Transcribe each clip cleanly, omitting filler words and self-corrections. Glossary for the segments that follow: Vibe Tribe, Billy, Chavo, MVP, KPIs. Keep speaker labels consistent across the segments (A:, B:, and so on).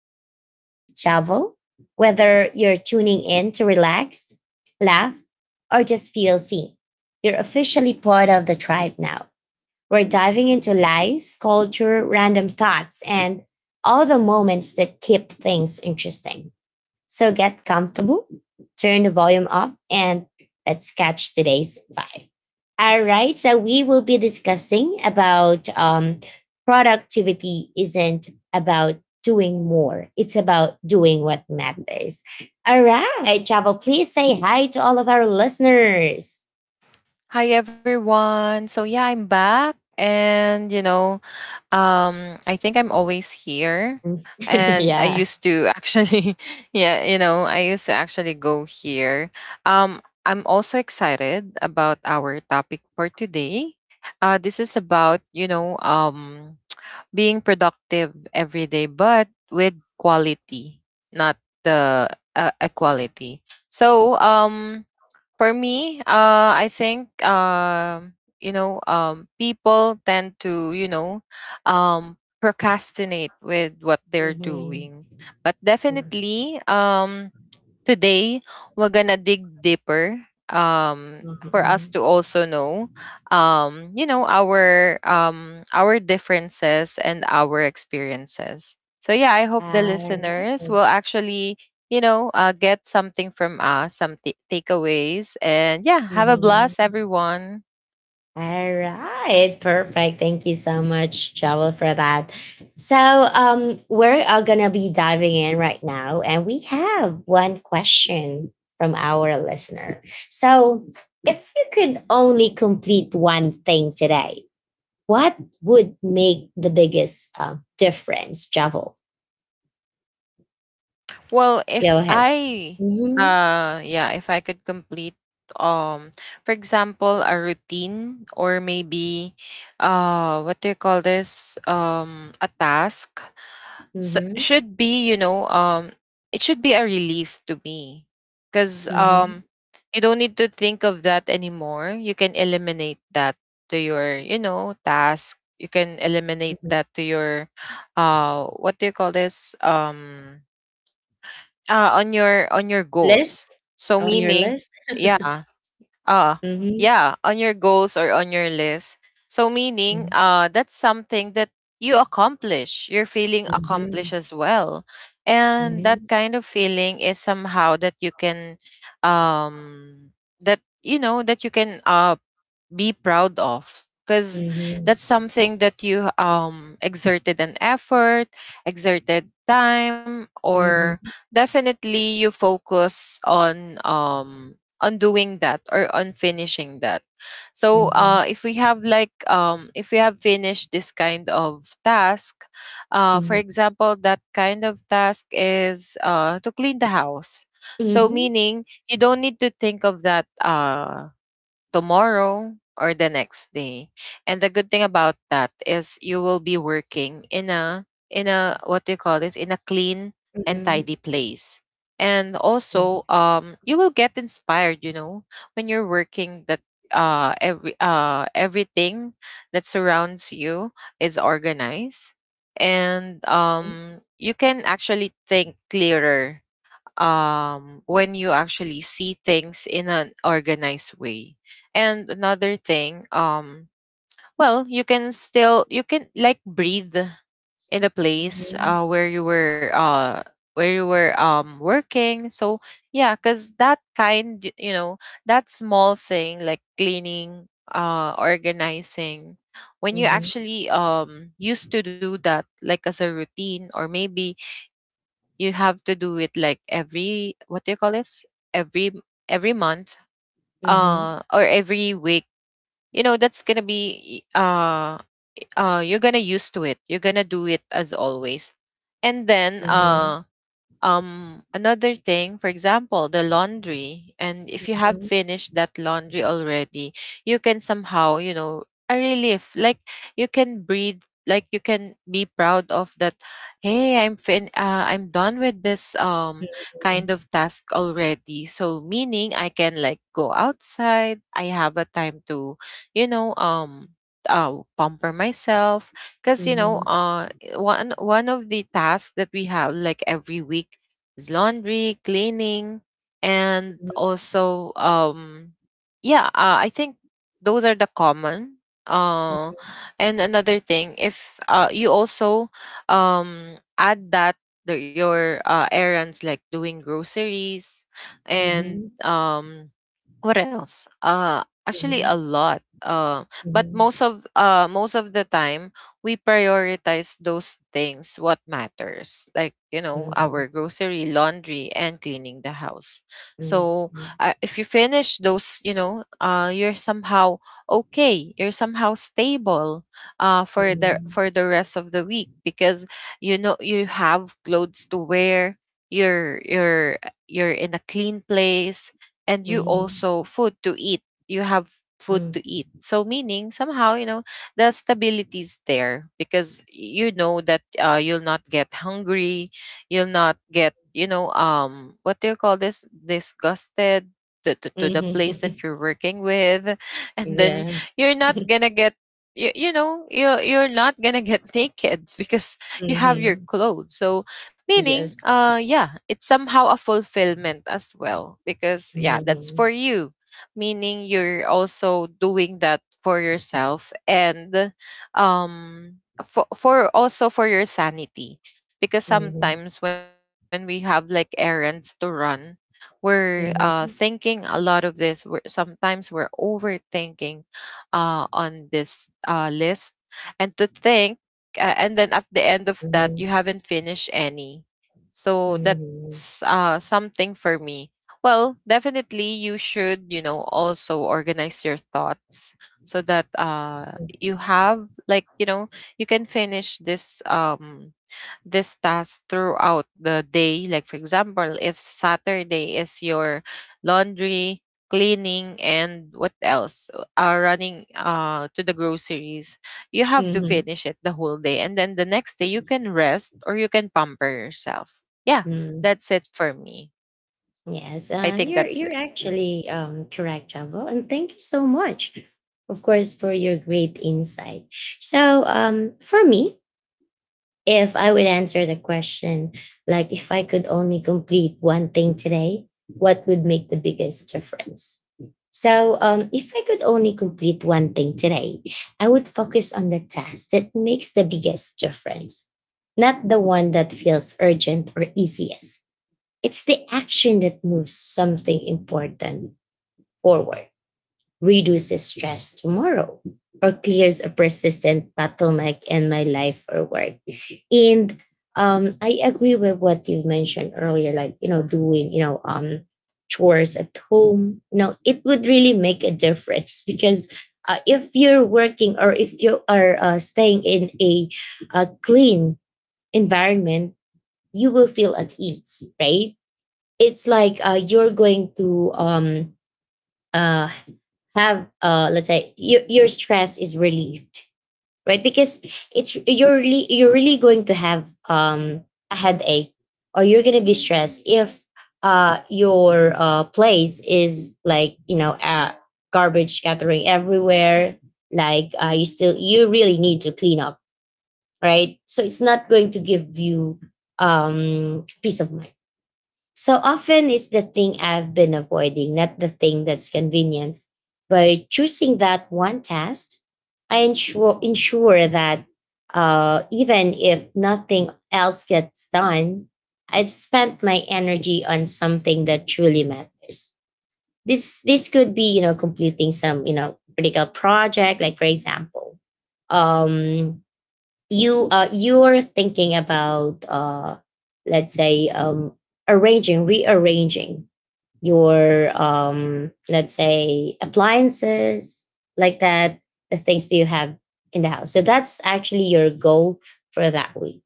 A: co host, Chavo. Whether you're tuning in to relax, laugh, or just feel seen, you're officially part of the tribe now. We're diving into life, culture, random thoughts, and all the moments that keep things interesting. So get comfortable, turn the volume up, and let's catch today's vibe. All right, so we will be discussing about productivity isn't about doing more; it's about doing what matters. All right, Chavo, please say hi to all of our listeners.
B: Hi everyone. So yeah, I'm back, and I think I'm always here, and I
A: Yeah.
B: used to actually I used to actually go here. I'm also excited about our topic for today. This is about being productive every day but with quality, not the equality. So, for me, I think, people tend to, procrastinate with what they're
A: Mhm.
B: doing. But definitely, today, we're gonna dig deeper, for us
A: Mhm.
B: to also know, our our differences and our experiences. So yeah, I hope the listeners
A: Alright.
B: will actually, get something from us, some takeaways, and yeah, have a blast,
A: Mhm.
B: everyone.
A: Alright. Perfect. Thank you so much, Joel, for that. So we're all gonna be diving in right now, and we have one question from our listener. So if you could only complete one thing today, what would make the biggest difference, Joel?
B: Well,
A: Go
B: if
A: ahead.
B: I
A: Mm-hmm.
B: uh yeah, if I could complete, um for example, a routine, or maybe, what do you call this, a task. So,
A: Mm-hmm.
B: should be, you know, it should be a relief to me, cuz
A: Mm-hmm.
B: you don't need to think of that anymore. You can eliminate that to your task. You can eliminate that to your, what do you call this, on your
A: List
B: goals. So
A: on your
B: meaning,
A: list.
B: yeah, uh,
A: Mhm,
B: yeah, on your goals or on your list. So meaning,
A: mhm,
B: that's something that you accomplish. You're feeling accomplished
A: mhm,
B: as well, and that
A: mhm,
B: kind of feeling is somehow that you can, um, that you know that you can, be proud of, because
A: mhm,
B: that's something that you, exerted an effort, exerted time, or
A: mhm,
B: definitely you focus on doing that, or on finishing that. So,
A: mhm,
B: if we have like, if we have finished this kind of task, for example, that kind of task is, to clean the house.
A: mhm,
B: So
A: mhm,
B: meaning you don't need to think of that, tomorrow or the next day. And the good thing about that is you will be working in a, what do you call this, in a clean and
A: mhm,
B: tidy place. And
A: that's
B: also, you will get inspired, when you're working, that, everything that surrounds you is organized, and
A: right,
B: you can actually think clearer, when you actually see things in an organized way. And another thing, well, you can still, you can like breathe in the place,
A: mhm,
B: where you were working. So yeah, because that kind, you know, that small thing like cleaning, organizing, when you
A: mhm,
B: actually, used to do that, like as a routine, or maybe you have to do it like every, what do you call this, every, month, or
A: mhm,
B: every week. You know that's gonna be, you're gonna used to it, you're gonna do it as always. And then,
A: mhm, mhm,
B: another thing, for example, the laundry. And if you have
A: mhm,
B: finished that laundry already, you can somehow, a relief, like you can breathe, like you can be proud of that. Hey, I'm done with this, kind of task already, so meaning I can like go outside, I have a time to, you know um pamper myself. Because,
A: mhm, mhm, mhm, mhm,
B: one of the tasks that we have like every week is laundry, cleaning, and
A: mhm,
B: also, yeah, I think those are the common. Uh, and another thing, if, you also, add that, your errands, like doing groceries
A: mhm, mhm,
B: and, what else? Actually, a lot. But
A: mhm,
B: most of the time we prioritize those things, what matters, like, our grocery, laundry, and cleaning the house. So, if you finish those, you're somehow okay, you're somehow stable, for the, rest of the week, because you know you have clothes to wear, you're, in a clean place, and you also food to eat, you have food to eat.
A: mhm,
B: So meaning, somehow, you know, the stability is there, because you know that, you'll not get hungry, you'll not get, you know, what do you call this, disgusted to, to, to the place
A: mhm.
B: that you're working with. And then
A: Yeah.
B: you're not gonna get, you're not gonna get naked, because you have your
A: Mhm.
B: clothes. So meaning,
A: Yes.
B: yeah, it's somehow a fulfillment as well, because yeah, that's
A: Mhm.
B: for you. Meaning you're also doing that for yourself, and, um for also for your sanity, because
A: Mhm.
B: sometimes when we have like errands to run, we're,
A: Mhm.
B: thinking a lot of this, we're sometimes we're overthinking, on this, list, and to think, and then at the end of that you
A: Mhm.
B: haven't finished any. So
A: Mhm.
B: that's, something for me. Well, definitely you should, also organize your thoughts, so that, you have like, you can finish this, this task throughout the day. Like for example, if Saturday is your laundry, cleaning, and what else? Running, to the groceries, you have to
A: Mhm.
B: finish it the whole day, and then the next day you can rest, or you can pamper yourself. Yeah,
A: Mhm.
B: that's it for me.
A: Yes,
B: I think
A: you're
B: that's it.
A: you're
B: Mm.
A: actually correct, Javo, and thank you so much, of course, for your great insight. So, for me, if I would answer the question, like if I could only complete one thing today, what would make the biggest difference? So, if I could only complete one thing today, I would focus on the task that makes the biggest difference, not the one that feels urgent or easiest. It's the action that moves something important forward, reduces stress tomorrow, or clears a persistent bottleneck in my life or work. And I agree with what you mentioned earlier, like, doing, chores at home. It would really make a difference, because if you're working, or if you are staying in a clean environment, you will feel at ease, right? It's like, you're going to uh have let's say your stress is relieved, right? Because it's you're really going to have a headache, or you're going to be stressed if your place is like, garbage scattering everywhere, like you really need to clean up, right? So it's not going to give you peace of mind. So often it's the thing I've been avoiding, not the thing that's convenient. By choosing that one task, I ensure that even if nothing else gets done, I've spent my energy on something that truly matters. This could be, completing some, critical project, like for example, um, you are thinking about let's say arranging rearranging your let's say appliances, like that, the things that you have in the house. So that's actually your goal for that week.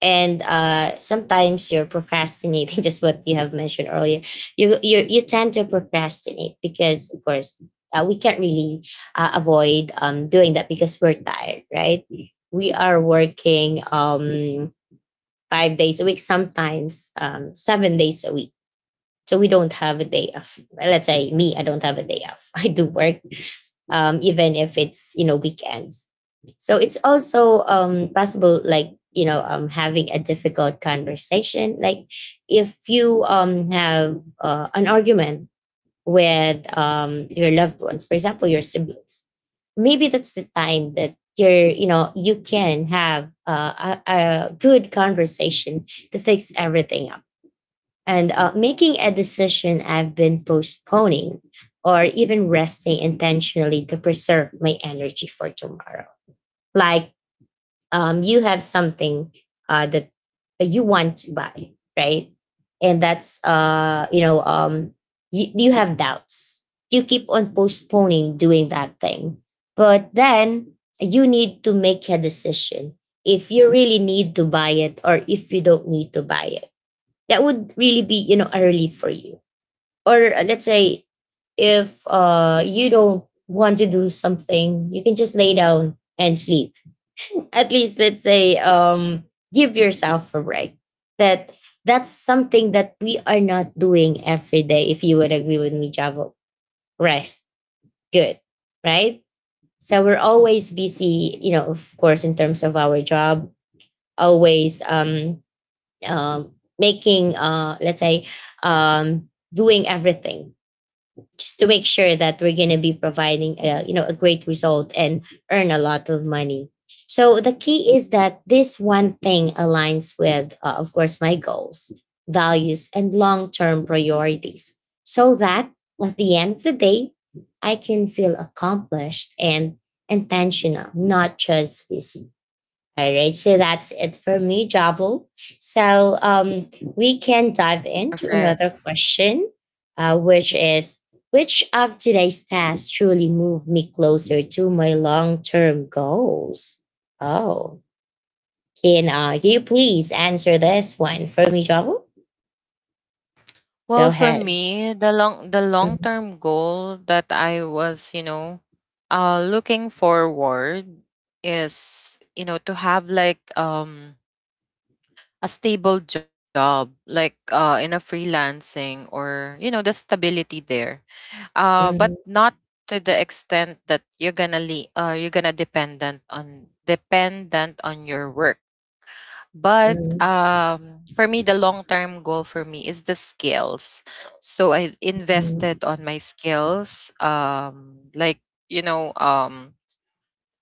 A: And sometimes you're procrastinating, just what you have mentioned earlier. You tend to procrastinate, because of course we can't really avoid doing that, because we're tired, right? We are working 5 days a week, sometimes 7 days a week, so we don't have a day off. Let's say me, I don't have a day off. I do work, even if it's, weekends. So it's also possible, like, having a difficult conversation. Like, if you have an argument with your loved ones, for example, your siblings, maybe that's the time that you're you know you can have a good conversation to fix everything up, and making a decision I've been postponing, or even resting intentionally to preserve my energy for tomorrow. Like, you have something that you want to buy, right? And that's you have doubts. You keep on postponing doing that thing, but then you need to make a decision if you really need to buy it or if you don't need to buy it. That would really be, a relief for you. Or let's say if you don't want to do something, you can just lay down and sleep. At least, let's say, give yourself a break. That that's something that we are not doing every day, if you would agree with me, Javo. Rest. Good. Right? So we're always busy, of course, in terms of our job, always um, making, let's say, um, doing everything just to make sure that we're going to be providing, a a great result and earn a lot of money. So the key is that this one thing aligns with, of course, my goals, values, and long-term priorities, so that at the end of the day I can feel accomplished and intentional, not just busy. All right, so that's it for me, Jabo. So we can dive into
B: Perfect.
A: another question, which is, which of today's tasks truly move me closer to my long term goals? Oh, can you please answer this one for me, Jabo? Go
B: Well, for
A: ahead.
B: me, the long
A: Mm-hmm.
B: term goal that I was, looking forward, is, to have like, a stable job, like, in a freelancing, or, the stability there. But
A: Mhm,
B: not to the extent that you're gonna, you're gonna dependent on your work. But,
A: mhm,
B: for me, the long-term goal for me is the skills. So I
A: mhm,
B: invested on my skills, like, you know, um,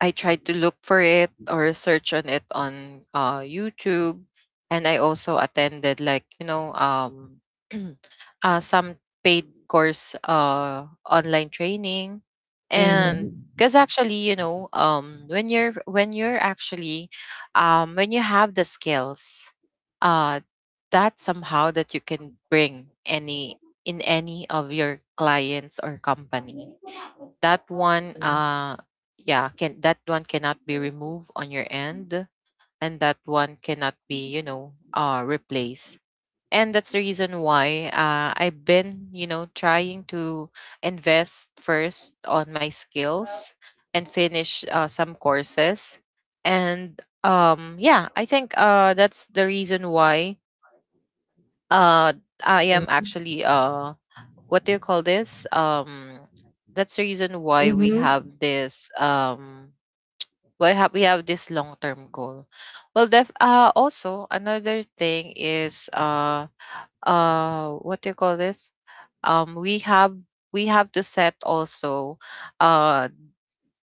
B: I tried to look for it, or search on it on, YouTube. And I also attended like, some paid course, online training.
A: mhm.
B: And because actually, when you have the skills, uh, that somehow that you can bring any, in any of your clients or company, that one, yeah can that one cannot be removed on your end, and that one cannot be, replaced. And that's the reason why, I've been, trying to invest first on my skills, and finish, some courses. And, yeah, I think, that's the reason why, uh, I am
A: Mhm,
B: actually, what do you call this? That's the reason why we
A: mhm,
B: have this, why have we have this long term goal. Well, def also another thing is, what do you call this? Um, we have we have to set also, uh,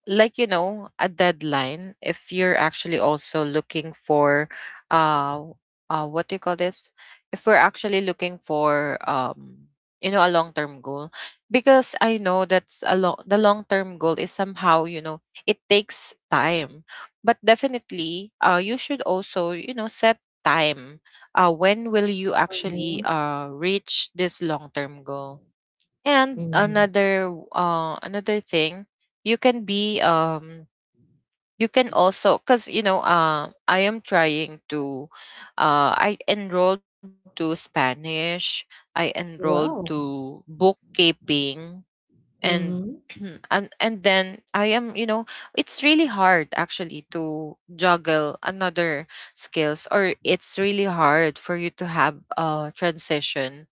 B: like, a deadline, if you're actually also looking for, uh what do you call this, if we're actually looking for, a long term goal. Because I know that's a long the long term goal, is somehow, it takes time. But definitely, you should also, set time, when will you actually,
A: mhm,
B: reach this long term goal. And
A: mhm.
B: another thing, you can be um you can also, cuz I am trying to, I enrolled to Spanish, I enrolled
A: Wow.
B: to bookkeeping, and
A: Mhm.
B: and then, I am you know it's really hard actually to juggle another skills. Or it's really hard for you to have a transition,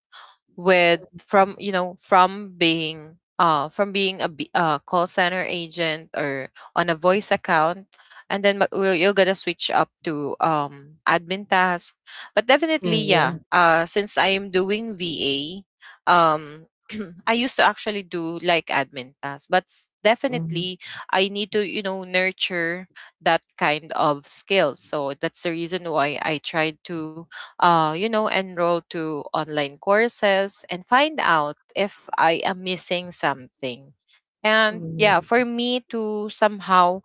B: with from you know from being a, call center agent, or on a voice account, and then, you're gonna switch up to, admin task. But
A: Mm,
B: definitely,
A: yeah.
B: yeah, since I am doing va, um I used to actually do like admin tasks. But,
A: Mhm,
B: definitely I need to, nurture that kind of skills. So that's the reason why I tried to, enroll to online courses, and find out if I am missing something. And yeah, for
A: mhm,
B: me to somehow,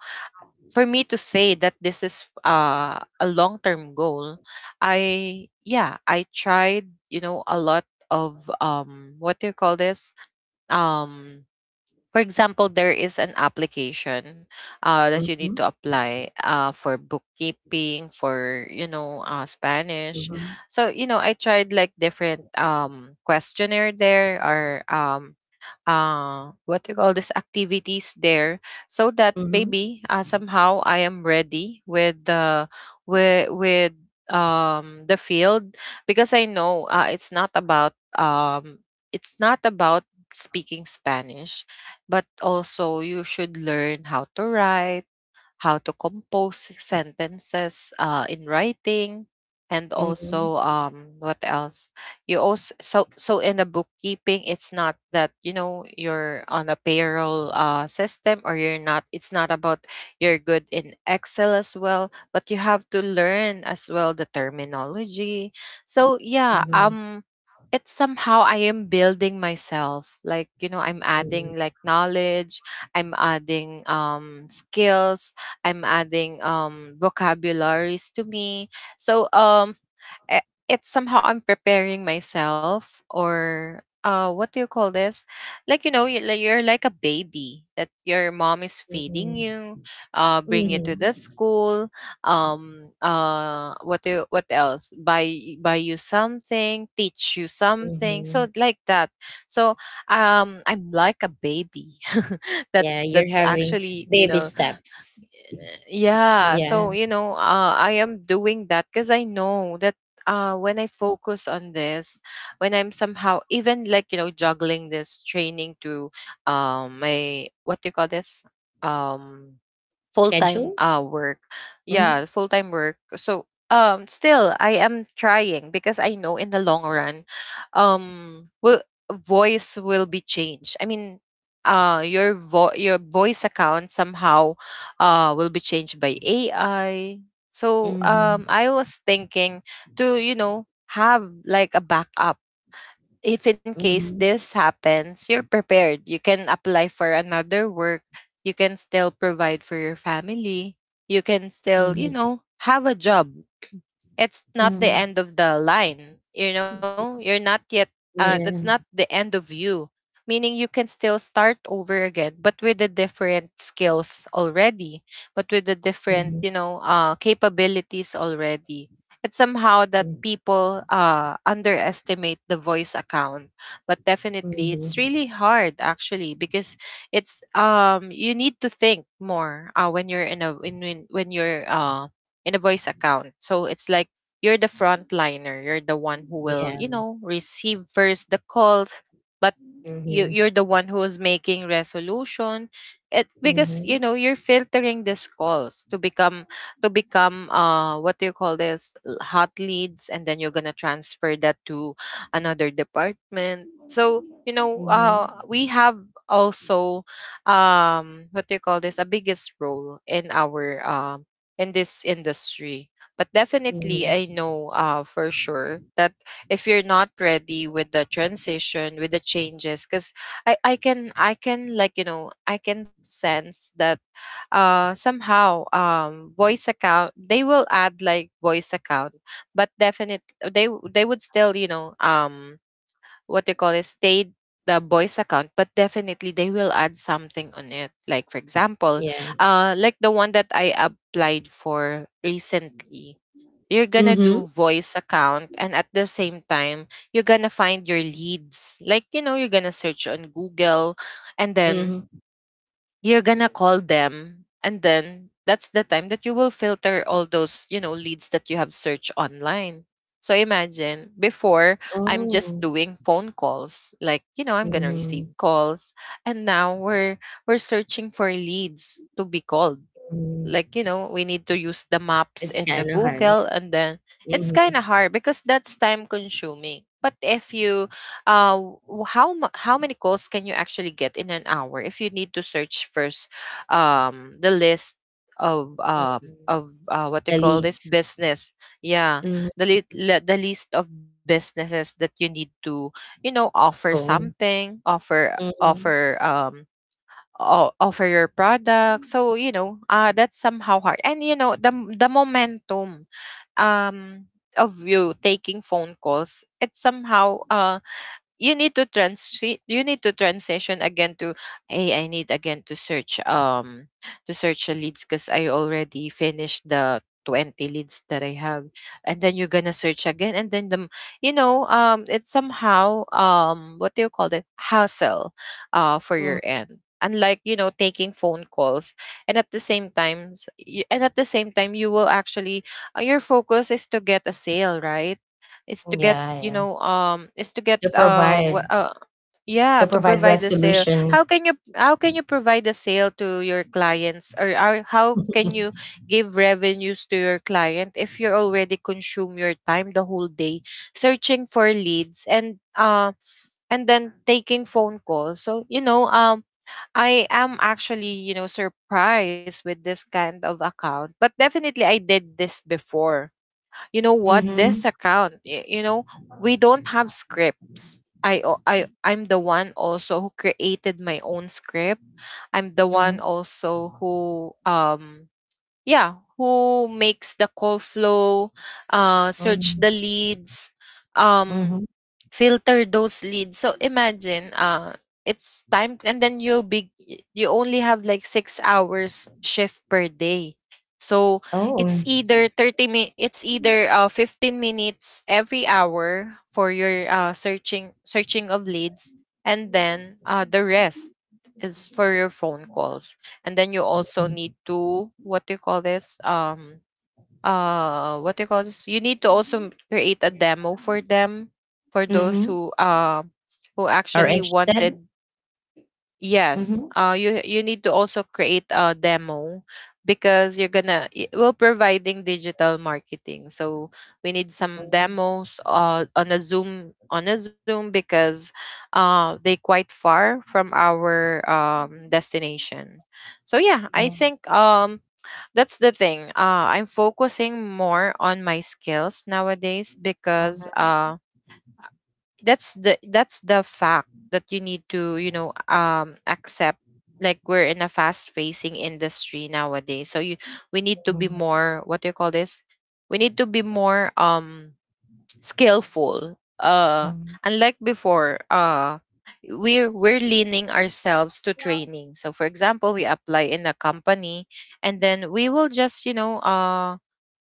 B: for me to say that this is, a long term goal, I, yeah, I tried, a lot of, what do you call this? Um, for example, there is an application, that you need
A: mhm,
B: to apply, for bookkeeping, for, Spanish.
A: mhm,
B: So you know, I tried like different questionnaire there or what do you call this activities there, so that
A: mhm.
B: maybe somehow I am ready with the with the field because I know um it's not about speaking Spanish, but also you should learn how to write, how to compose sentences in writing, and
A: Mhm,
B: also what else. You also, so in the bookkeeping, it's not that you know you're on a payroll system or you're not, it's not about you're good in Excel as well, but you have to learn as well the terminology. So yeah,
A: mhm,
B: it's somehow I am building myself, like you know, I'm
A: mhm.
B: adding like knowledge, I'm adding skills, I'm adding vocabularies to me. So um i- it's somehow I'm preparing myself, or what do you call this? Like you know, you're like a baby that your mom is feeding
A: Mhm.
B: you, uh, bring you
A: Mhm.
B: to the school, what do, what else? Buy you something, teach you something. So
A: Mhm.
B: like that. So I'm like a baby. that
A: Yeah, you're
B: that's
A: having
B: actually, you
A: baby
B: know,
A: steps.
B: yeah,
A: Yeah.
B: so you know, I am doing that because I know that when I focus on this, when I'm somehow even like you know juggling this training to my what do you call this, um full-time
A: Schedule?
B: work, yeah,
A: Mm.
B: full-time work. So still I am trying because I know in the long run will voice will be changed, I mean, your voice account somehow will be changed by AI. So
A: Mhm.
B: I was thinking to you know have like a backup. If in case
A: Mhm.
B: this happens, you're prepared. You can apply for another work. You can still provide for your family. You can still, you
A: Mhm.
B: know, have a job. It's not the end
A: Mhm.
B: of the line, you know, you're not yet that's not
A: Yeah.
B: the end of you, meaning you can still start over again, but with the different skills already, but with the different,
A: Mhm.
B: you know, capabilities already. It's somehow that
A: Mhm.
B: people underestimate the voice account, but definitely it's really hard actually because it's you need to think more when you're in a in, when you're in a voice account. So it's like you're the frontliner. You're the one who
A: Mhm.
B: will, you
A: Yeah.
B: know, receive first the calls, but you
A: Mhm.
B: you're the one who's making resolution. It, because you
A: Mhm.
B: know you're filtering these calls to become, to become what do you call this, L- hot leads, and then you're gonna transfer that to another department. So you know,
A: Mhm.
B: we have also what do you call this, a biggest role in our in this industry. But definitely, I
A: Mhm.
B: know for sure that if you're not ready with the transition, with the changes, because I can, like, you know, I can sense that somehow, voice account, they will add like voice account, but definite they, w- they would still, you know, what they call it, stay the voice account, but definitely they will add something on it. Like, for example,
A: Yeah.
B: like the one that I applied for recently, you're gonna
A: Mhm.
B: do voice account, and at the same time, you're gonna find your leads, like you know you're gonna search on Google, and then
A: Mhm.
B: you're gonna call them, and then that's the time that you will filter all those, you know, leads that you have searched online. So imagine before, I'm just
A: Oh.
B: doing phone calls, like you know I'm gonna receive
A: Mhm.
B: calls, and now we're searching for leads to be called,
A: Mhm.
B: like you know we need to use the maps
A: It's
B: and the
A: kind of hard.
B: Google. And then it's
A: Mhm.
B: kind of hard because that's time consuming. But if you uh w- how many calls can you actually get in an hour if you need to search first the list of
A: Mhm.
B: what they
A: The
B: call this
A: leads.
B: business, yeah,
A: Mhm.
B: the list of businesses that you need to you know offer
A: Cool.
B: something,
A: Mhm.
B: offer your product. So you know that's somehow hard. And you know the momentum um of you taking phone calls, it's somehow uh, you need to transition again to, hey, I need again to search the leads, because I already finished the 20 leads that I have, and then you're gonna search again, and then you know, it's somehow, what do you call it, hassle for your
A: Mhm.
B: end, unlike you know taking phone calls and at the same time you will actually your focus is to get a sale, right? It's to get,
A: Yeah,
B: you
A: yeah.
B: know, is to get
A: You
B: wh-
A: provide.
B: yeah,
A: To
B: to
A: provide
B: provide the sale.
A: resolution.
B: How can you, how can you provide the sale to your clients, or how can you give revenues to your client if you already consume your time the whole day searching for leads and then taking phone calls? So you know, I am actually, you know, surprised with this kind of account, but definitely I did this before. You know what, this
A: Mhm.
B: account, you know, we don't have scripts. I o- i i'm the one also who created my own script. I'm the one
A: Mhm,
B: also who yeah, who makes the call flow, search
A: mhm,
B: the leads, um
A: mhm.
B: filter those leads. So imagine, it's time, and then you only have like 6 hours shift per day. So
A: Oh.
B: it's either it's either 15 minutes every hour for your uh, searching of leads, and then the rest is for your phone calls. And then you also
A: Mhm.
B: need to what do you call this, what do you call this, you need to also create a demo for them, for those
A: Mhm.
B: who
A: Are
B: actually
A: interested?
B: wanted, yes,
A: Mhm.
B: you need to also create a demo, because you're gonna we're providing digital marketing, so we need some
A: Mhm,
B: demos on a Zoom, because they quite far from our destination. So yeah, I
A: mhm,
B: think that's the thing. I'm focusing more on my skills nowadays because
A: mhm,
B: that's the fact that you need to you know accept like we're in a fast facing industry nowadays. So you we need to be
A: mhm,
B: more what do you call this, we need to be more skillful.
A: mhm.
B: Unlike before, we're leaning ourselves to
A: Yeah.
B: training. So, for example, we apply in a company, and then we will just you know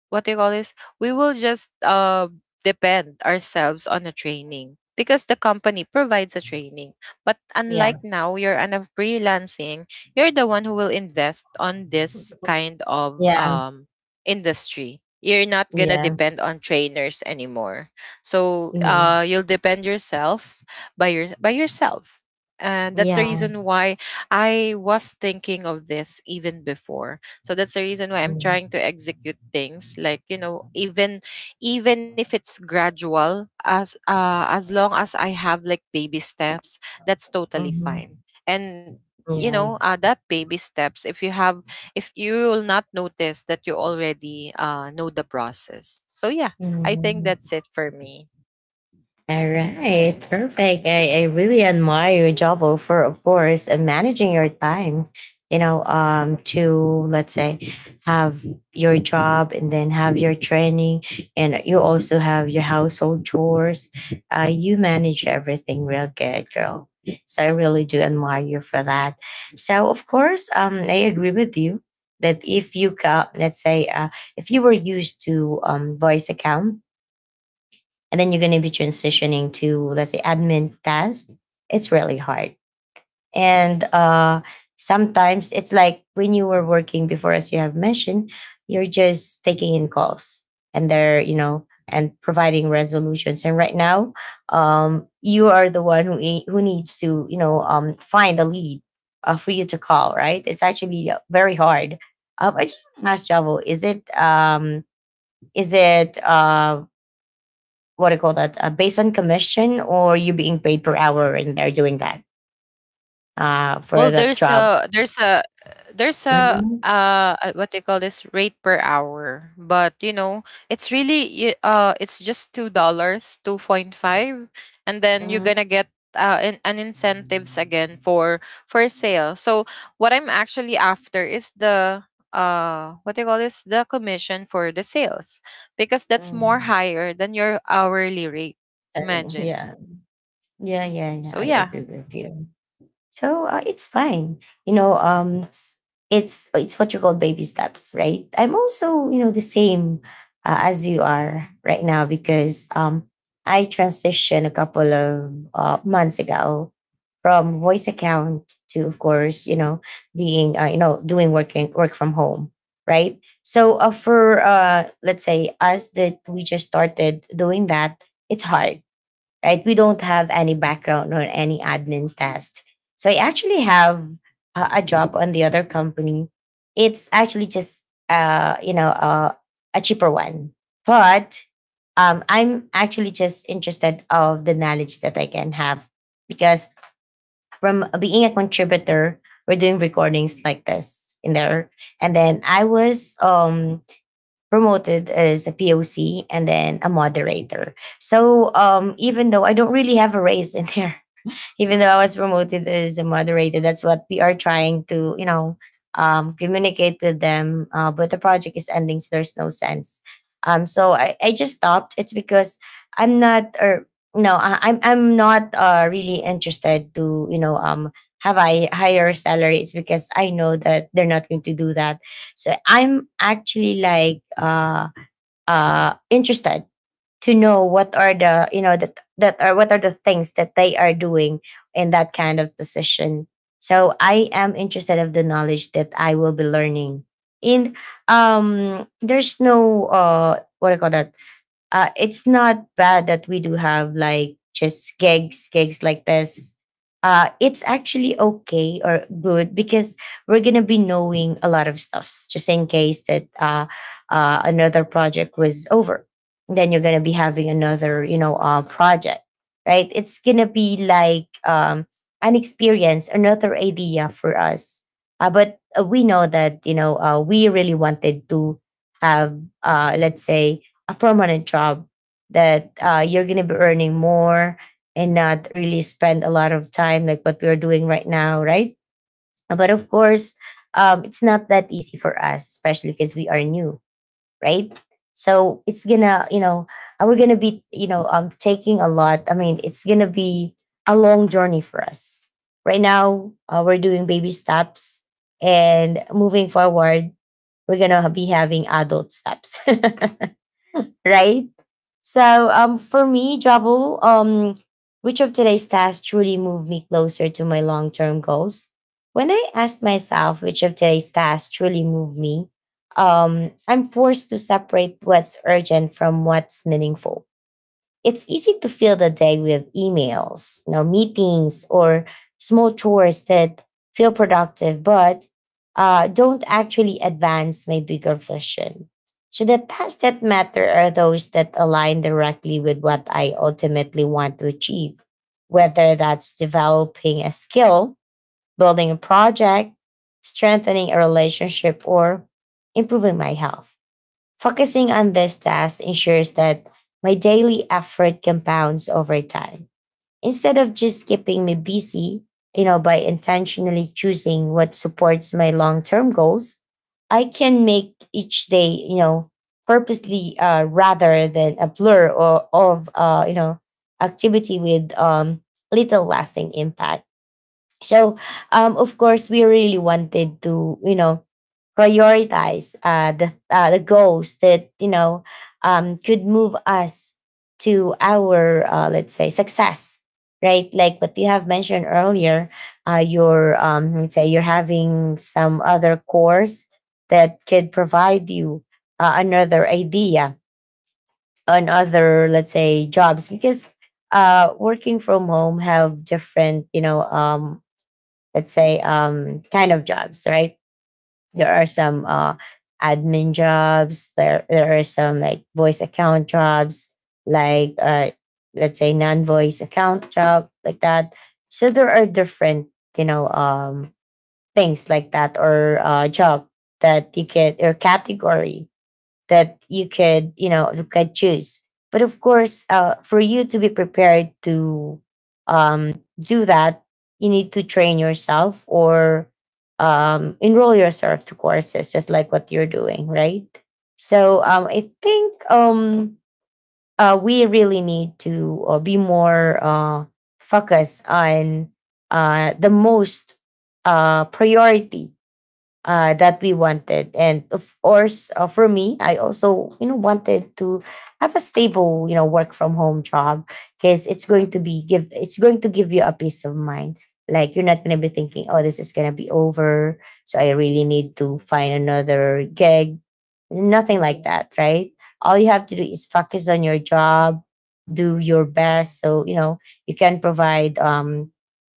B: what they call this, we will just depend ourselves on a training because the company provides a training. But
A: Yeah,
B: unlike now, you're on a freelancing, you're the one who will invest on this kind of
A: yeah,
B: industry. You're not gonna
A: yeah,
B: depend on trainers anymore. So you'll depend yourself by yourself. And that's the
A: yeah,
B: reason why I was thinking of this even before. So that's the reason why I'm trying to
A: mhm,
B: execute things, like you know, even even if it's gradual, as long as I have like baby steps, that's totally
A: mhm,
B: fine. And you know
A: yeah,
B: that baby steps, if you have, if you will not notice that you already know the process. So yeah, I think
A: mhm.
B: that's it for me.
A: All right, perfect. I really admire your Javo, for, of course, and managing your time, to let's say have your job and then have your training, and you also have your household chores. You manage everything real good, girl. So I really do admire you for that. So, of course, I agree with you that if you got, let's say, if you were used to voice account, and then you're going to be transitioning to let's say admin tasks. It's really hard, and sometimes it's like when you were working before, as you have mentioned, you're just taking in calls and they're, and providing resolutions. And right now, you are the one who who needs to, find a lead for you to call, right? It's actually very hard. I just want to ask Javo, is it what do you call that? Based on commission, or you being paid per hour, and they're doing that for
B: Well,
A: that
B: there's
A: job.
B: a there's a there's a
A: Mm-hmm.
B: uh uh, what they call this, rate per hour, but you know it's really it's just $2, 2.5, and then you're
A: Mm-hmm.
B: gonna get an incentives again for sale. So what I'm actually after is the what they call this, the commission for the sales, because that's more
A: Mm.
B: higher than your hourly rate.
A: Sorry. Yeah,
B: Imagine.
A: yeah, yeah, yeah. I
B: So
A: agree
B: yeah,
A: with you. So it's fine. You know, um, it's what you call baby steps, right? I'm also, the same as you are right now, because I transitioned a couple of months ago, from voice account to, of course, being doing working work from home, right? So for let's say us that we just started doing that, it's hard, right? We don't have any background or any admin's test. So I actually have a job on the other company. It's actually just uh, you know uh, a cheaper one, but I'm actually just interested of the knowledge that I can have, because from being a contributor, we're doing recordings like this in there, and then I was promoted as a POC and then a moderator. So even though I don't really have a raise in there, even though I was promoted as a moderator, that's what we are trying to, communicate with them. But the project is ending, so there's no sense. So I just stopped. It's because I'm not, or no, I'm not really interested to, have I higher salary. It's because I know that they're not going to do that. So I'm actually like interested to know what are the, that that are what are the things that they are doing in that kind of position. So I am interested of the knowledge that I will be learning. And there's no what do you call that? It's not bad that we do have like just gigs, gigs like this. It's actually okay or good because we're gonna be knowing a lot of stuffs just in case that another project was over. Then you're gonna be having another, project, right? It's gonna be like an experience, another idea for us. But we know that we really wanted to have, let's say, a permanent job that you're going to be earning more and not really spend a lot of time like what we're doing right now, right? But of course, it's not that easy for us, especially because we are new, right? So it's gonna, we're gonna be, taking a lot. I mean, it's gonna be a long journey for us. Right now, we're doing baby steps, and moving forward, we're gonna be having adult steps. Right? So, for me, Jabu, which of today's tasks truly moved me closer to my long-term goals? When I asked myself which of today's tasks truly moved me, I'm forced to separate what's urgent from what's meaningful. It's easy to fill the day with emails, meetings, or small chores that feel productive but don't actually advance my bigger vision. So the tasks that matter are those that align directly with what I ultimately want to achieve, whether that's developing a skill, building a project, strengthening a relationship, or improving my health. Focusing on this task ensures that my daily effort compounds over time instead of just keeping me busy. By intentionally choosing what supports my long-term goals, I can make each day, purposely rather than a blur or of activity with little lasting impact. So, of course, we really wanted to, prioritize the goals that could move us to our let's say success, right? Like what you have mentioned earlier, you let's say you're having some other course that could provide you another idea on other, let's say, jobs because working from home have different let's say kind of jobs, right. There are some admin jobs, there are some like voice account jobs like let's say non-voice account job like that. So there are different you know um, things like that or job that you can or category that you could, you could choose. But of course, for you to be prepared to do that, you need to train yourself or enroll yourself to courses, just like what you're doing, right? So, I think we really need to be more focused on the most priority that we wanted. And of course, for me, I also wanted to have a stable work from home job because it's going to give you a peace of mind. Like you're not gonna be thinking, oh, this is gonna be over, so I really need to find another gig. Nothing like that, right? All you have to do is focus on your job, do your best, so you can provide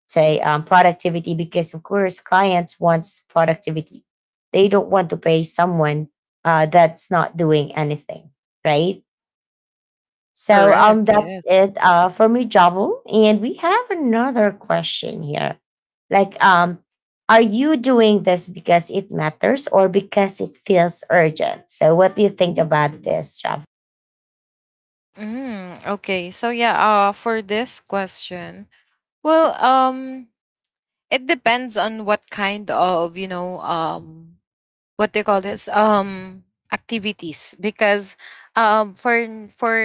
A: say productivity because of course clients wants productivity. They don't want to pay someone that's not doing anything, right. So,
B: correct.
A: that's
B: Yes.
A: it for me, Javel. And we have another question here like are you doing this because it matters or because it feels urgent? So what do you think about this, Javel?
B: Mm, okay. So yeah, for this question, well, it depends on what kind of, you know, what they call this, activities, because um for for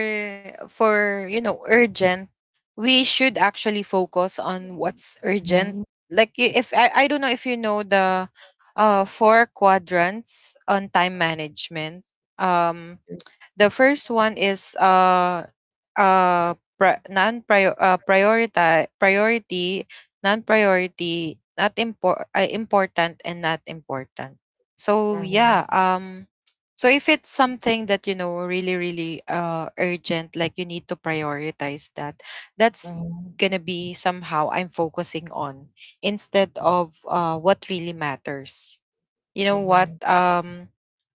B: for, you know, urgent, we should actually focus on what's urgent.
A: Mhm.
B: Like if I don't know if you know the four quadrants on time management. Um, the first one is uh pri- non prior priority priority, non priority not important and not important. So yeah,
A: Mhm,
B: um, so if it's something that you know really really urgent, like you need to prioritize that. That's
A: mhm,
B: going to be somehow I'm focusing on instead of what really matters. You know what,
A: mhm,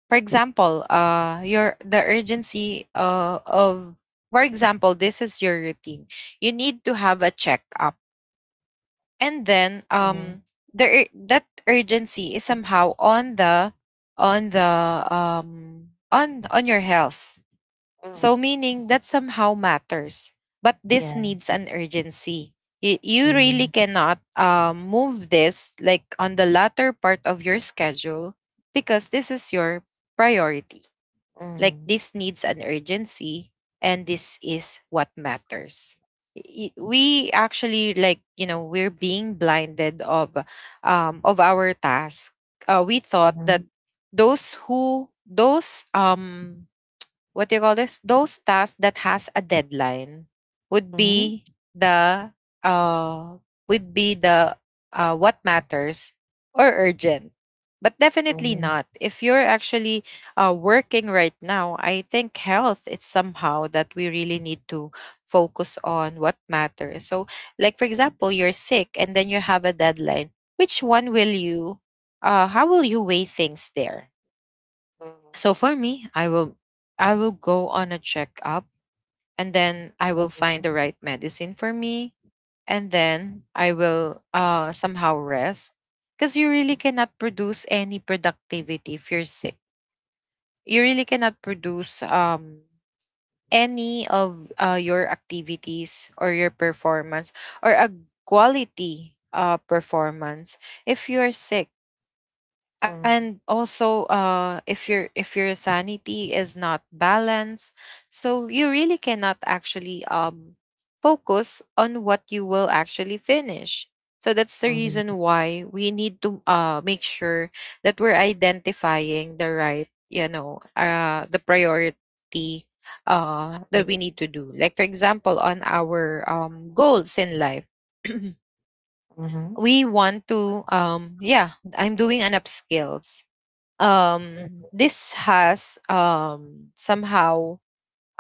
B: for example, your the urgency of, for example, this is your routine, you need to have a checkup, and then
A: mhm,
B: that urgency is somehow on the on the on your health. So,
A: mhm.
B: meaning that somehow matters. But this
A: Yeah.
B: needs an urgency. You really
A: Mhm.
B: cannot move this like on the latter part of your schedule, because this is your priority. Like
A: Mhm.
B: this needs an urgency, and this is what matters. We actually, like, you know, we're being blinded of our task. We thought that
A: Mhm.
B: those who those what do you call this, those tasks that has a deadline would
A: Mhm.
B: be the uh would be the what matters, or urgent. But definitely
A: Mhm.
B: not. If you're actually working right now, I think health is somehow that we really need to focus on what matters. So, like for example, you're sick and then you have a deadline. Which one will you? How will you weigh things there? So for me, I will go on a checkup and then I will find the
A: Mhm.
B: right medicine for me and then I will somehow rest because you really cannot produce any productivity if you're sick. You really cannot produce any of your activities or your performance or a quality performance if you are sick, and also if your sanity is not balanced, so you really cannot actually focus on what you will actually finish. So that's the
A: Mhm.
B: reason why we need to make sure that we're identifying the right, the priority that
A: Mhm.
B: we need to do, like for example on our goals in life.
A: Mhm.
B: We want to, yeah, I'm doing an upskills. This has somehow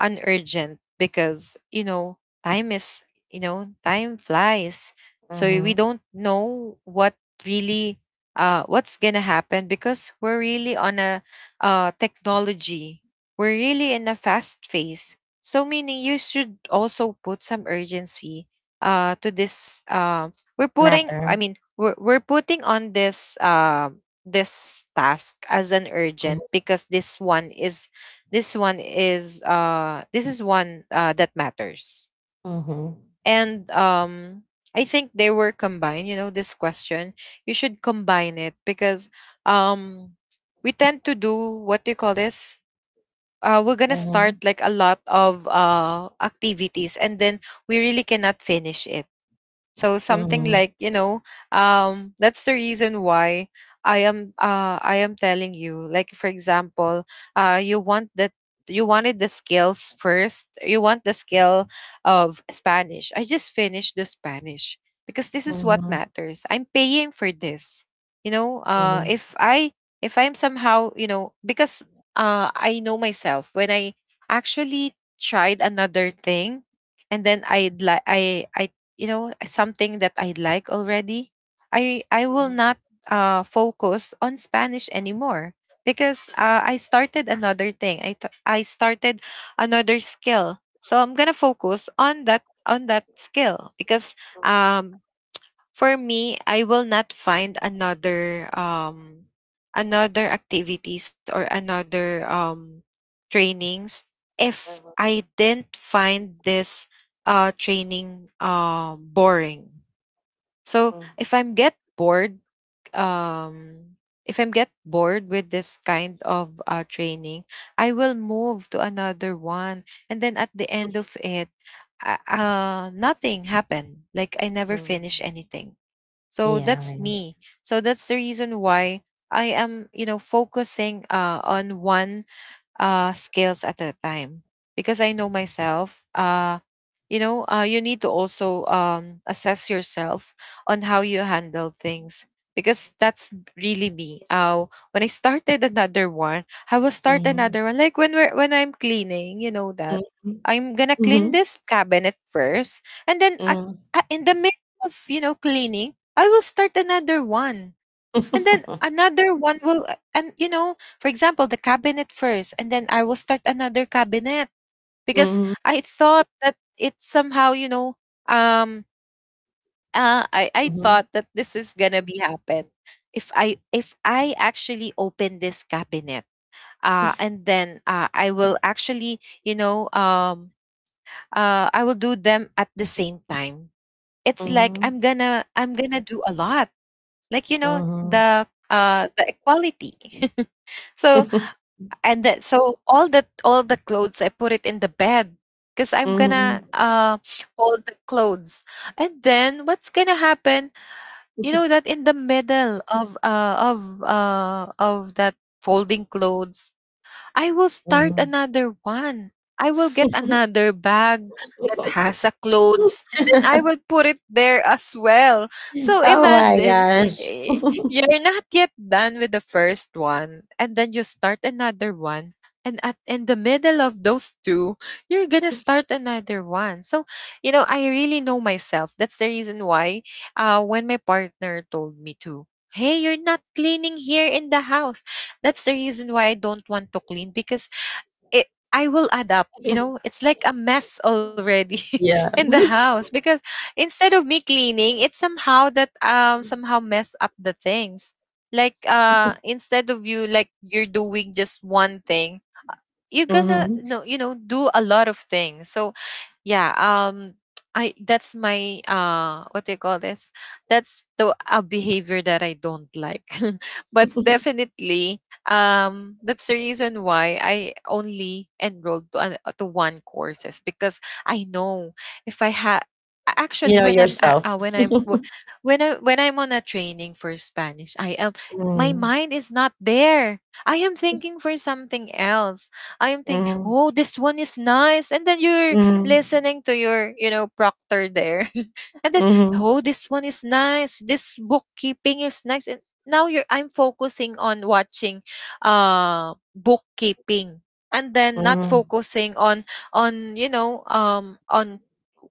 B: unurgent because, you know, time is, you know, time flies, so we
A: Mhm.
B: don't know what really what's gonna happen, because we're really on a technology, we're really in a fast phase. So meaning you should also put some urgency to this, we're putting, I
A: Matter.
B: mean, we're putting on this this task as an urgent, because this one is, this is one that matters.
A: Mhm.
B: And I think they were combined, you know, this question. You should combine it because um we tend to do, what do you call this? We're gonna start
A: Mhm.
B: like a lot of activities and then we really cannot finish it, so something
A: Mhm.
B: like, you know, that's the reason why I am telling you, like for example, you want that, you wanted the skills first. You want the skill of Spanish. I just finished the Spanish because this is what
A: Mhm.
B: matters. I'm paying for this. You know,
A: Mhm.
B: if I, if I'm somehow, you know, because I know myself. When I actually tried another thing and then I, like, I you know something that I like already, i will
A: Mhm.
B: not focus on Spanish anymore, because I started another thing, I started another skill, so I'm gonna focus on that, skill because, um for me, I will not find another, another activities or another trainings if I didn't find this training boring. So
A: Mhm.
B: if I'm get bored, um with this kind of training, I will move to another one, and then at the end of it, nothing happened. Like, I never finish
A: Mhm.
B: anything. So
A: Yeah.
B: that's
A: Right.
B: me. So that's the reason why I am, you know, focusing on one skills at a time, because I know myself. You know, you need to also, assess yourself on how you handle things, because that's really me. When I started another one, I will start
A: Mhm.
B: another one. Like, when I'm cleaning, you know that
A: Mhm.
B: I'm gonna clean
A: Mhm.
B: this cabinet first, and then
A: Mhm.
B: in the middle of, you know, cleaning, I will start another one, and then another one will, and, you know, for example, the cabinet first, and then I will start another cabinet because
A: Mhm.
B: I thought that it's somehow, um i
A: Mhm.
B: thought that this is gonna be happen. If I, actually open this cabinet and then, I will actually you know I will do them at the same time. It's like
A: Mhm.
B: i'm gonna do a lot, like, you know,
A: Mhm.
B: the, the equality. so and that so all the clothes, I put it in the bed because I'm gonna,
A: Mhm.
B: fold the clothes. And then, what's gonna happen, you know, that in the middle of, of that folding clothes, I will start
A: Mhm.
B: another one. I will get another bag that has a clothes, and then I will put it there as well. So
A: Oh my
B: imagine,
A: gosh.
B: eh, you're not yet done with the first one, and then you start another one, and at in the middle of those two, you're going to start another one. So, you know, I really know myself. That's the reason why, when my partner told me to, hey, you're not cleaning here in the house, that's the reason why I don't want to clean, because it I will add up, you know, it's like a mess already
A: Yeah.
B: in the house, because instead of me cleaning, it's somehow that, somehow mess up the things. Like, instead of, you like, you're doing just one thing, you're gonna,
A: Mhm.
B: no, you know, do a lot of things. So, yeah, I that's my, what do you call this? That's the, a behavior that I don't like. But definitely, that's the reason why I only enrolled to, to one courses, because I know, if I had actually,
A: You know yourself.
B: when I'm on a training for Spanish, I am my
A: Mm.
B: mind is not there. I am thinking for something else. I am thinking,
A: Mhm.
B: oh, this one is nice, and then you're
A: Mhm.
B: listening to your, you know, proctor there. And then,
A: Mhm.
B: oh, this one is nice. This bookkeeping is nice. And now you're I'm focusing on watching bookkeeping, and then not
A: Mhm.
B: focusing on, you know, on,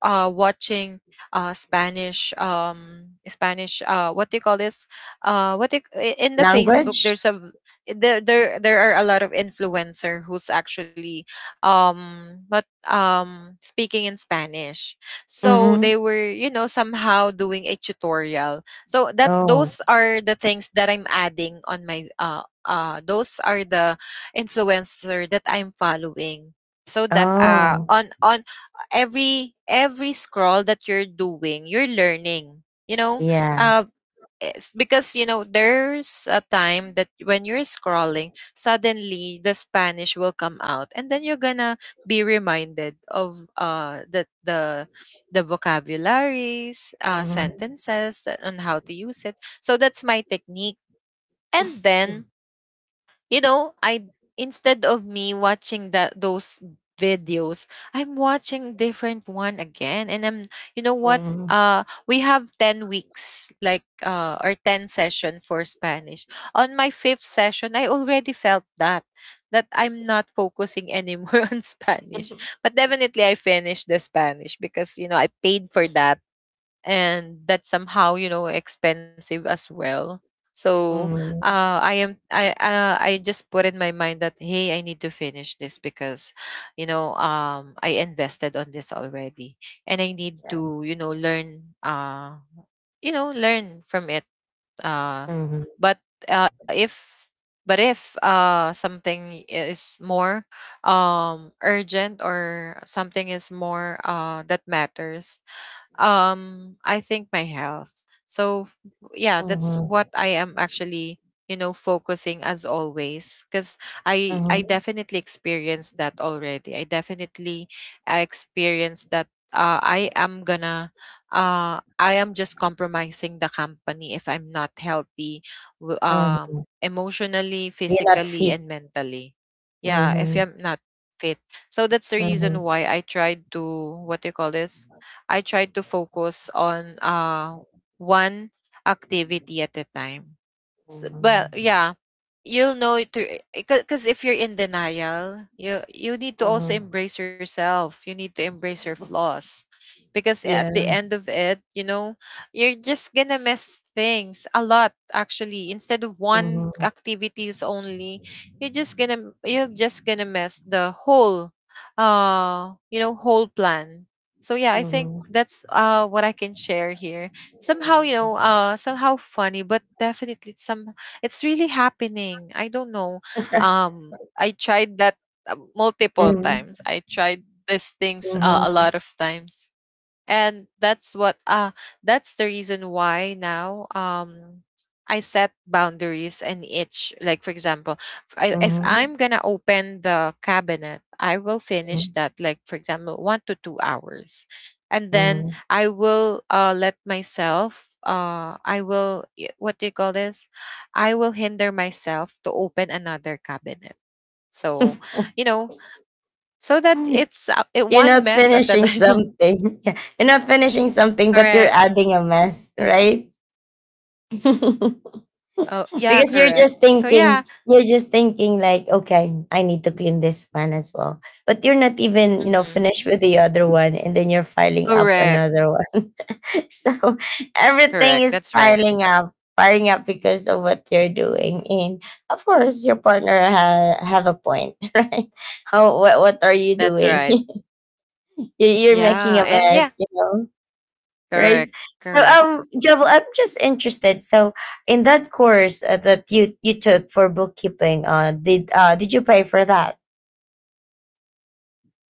B: watching Spanish, Spanish, what do you call this, what do you, I- in the Facebook,
A: Language?
B: there are a lot of influencer who's actually, what speaking in Spanish. So
A: Mhm.
B: they were, you know, somehow doing a tutorial. So that
A: Oh.
B: those are the things that I'm adding on my, those are the influencer that I'm following. So that,
A: Oh.
B: on, every scroll that you're doing, you're learning. You know,
A: Yeah.
B: uh it's because, you know, there's a time that when you're scrolling, suddenly the Spanish will come out, and then you're gonna be reminded of, the vocabularies,
A: Mhm.
B: sentences that, on how to use it. So that's my technique. And then, you know, I, instead of me watching that, those videos, I'm watching different one again. And I'm you know what?
A: Mhm.
B: We have 10 weeks, like, or 10 session for Spanish. On my fifth session, I already felt that I'm not focusing anymore on Spanish. But definitely I finished the Spanish because, you know, I paid for that, and that's somehow, you know, expensive as well. So,
A: Mhm.
B: I am I I just put in my mind that, hey, I need to finish this because, you know, I invested on this already, and I need
A: Yeah.
B: to, you know, learn, learn from it. uh
A: Mhm.
B: but, uh if if, something is more, urgent, or something is more, that matters. I think my health, yeah, that's
A: Mhm.
B: what I am actually, you know, focusing as always, because i
A: Mhm.
B: definitely experienced that already. I definitely, experienced that, I am just compromising the company if I'm not healthy,
A: Mhm.
B: emotionally,
A: You're not
B: physically,
A: fit.
B: and mentally. Yeah, if
A: Mhm.
B: I'm not fit. So that's the reason
A: Mhm.
B: why I tried to, what do you call this, I tried to focus on, one activity at a time. But
A: Mhm.
B: yeah, you'll know it, because if you're in denial, you need to also
A: Mhm.
B: embrace yourself, you need to embrace your flaws, because at the
A: Yeah.
B: end of it, you know, you're just gonna miss things a lot. Actually, instead of one
A: Mhm.
B: activities only, you're just gonna miss the whole, whole plan. So yeah, I think
A: Mhm.
B: that's, what I can share here. Somehow, you know,
A: Mhm.
B: somehow funny, but definitely, some it's really happening. I don't know. I tried that, multiple
A: Mhm.
B: times. I tried these things, a
A: Mhm.
B: lot of times, and that's what, that's the reason why now, I set boundaries in each, like for example, if I'm
A: Mhm.
B: gonna open the cabinet, I will finish that, like for example, 1 to 2 hours, and then
A: Mhm.
B: I will, let myself, what do you call this, I will hinder myself to open another cabinet. So, you know, so that
A: Mhm.
B: it's,
A: You're
B: one
A: not
B: mess at a
A: finishing
B: time.
A: something. Yeah. You're not finishing something, but you're
B: Correct.
A: adding a mess, right?
B: Oh, yeah,
A: Because you're
B: correct.
A: just
B: So yeah.
A: thinking, you're just thinking like, okay, I need to clean this one as well. But you're not even,
B: Mm-hmm.
A: finished with the other one and then you're filing up
B: Correct.
A: another one. So everything
B: Correct.
A: is
B: That's right.
A: piling up because of what you're doing. And of course, your partner have a point, right? How what are you
B: That's
A: doing?
B: right.
A: You're making
B: Yeah,
A: a
B: and yeah,
A: mess, you know, right?
B: correct,
A: So,
B: correct.
A: Jovel, I'm just interested. So, in that course that you took for bookkeeping, did did you pay for that?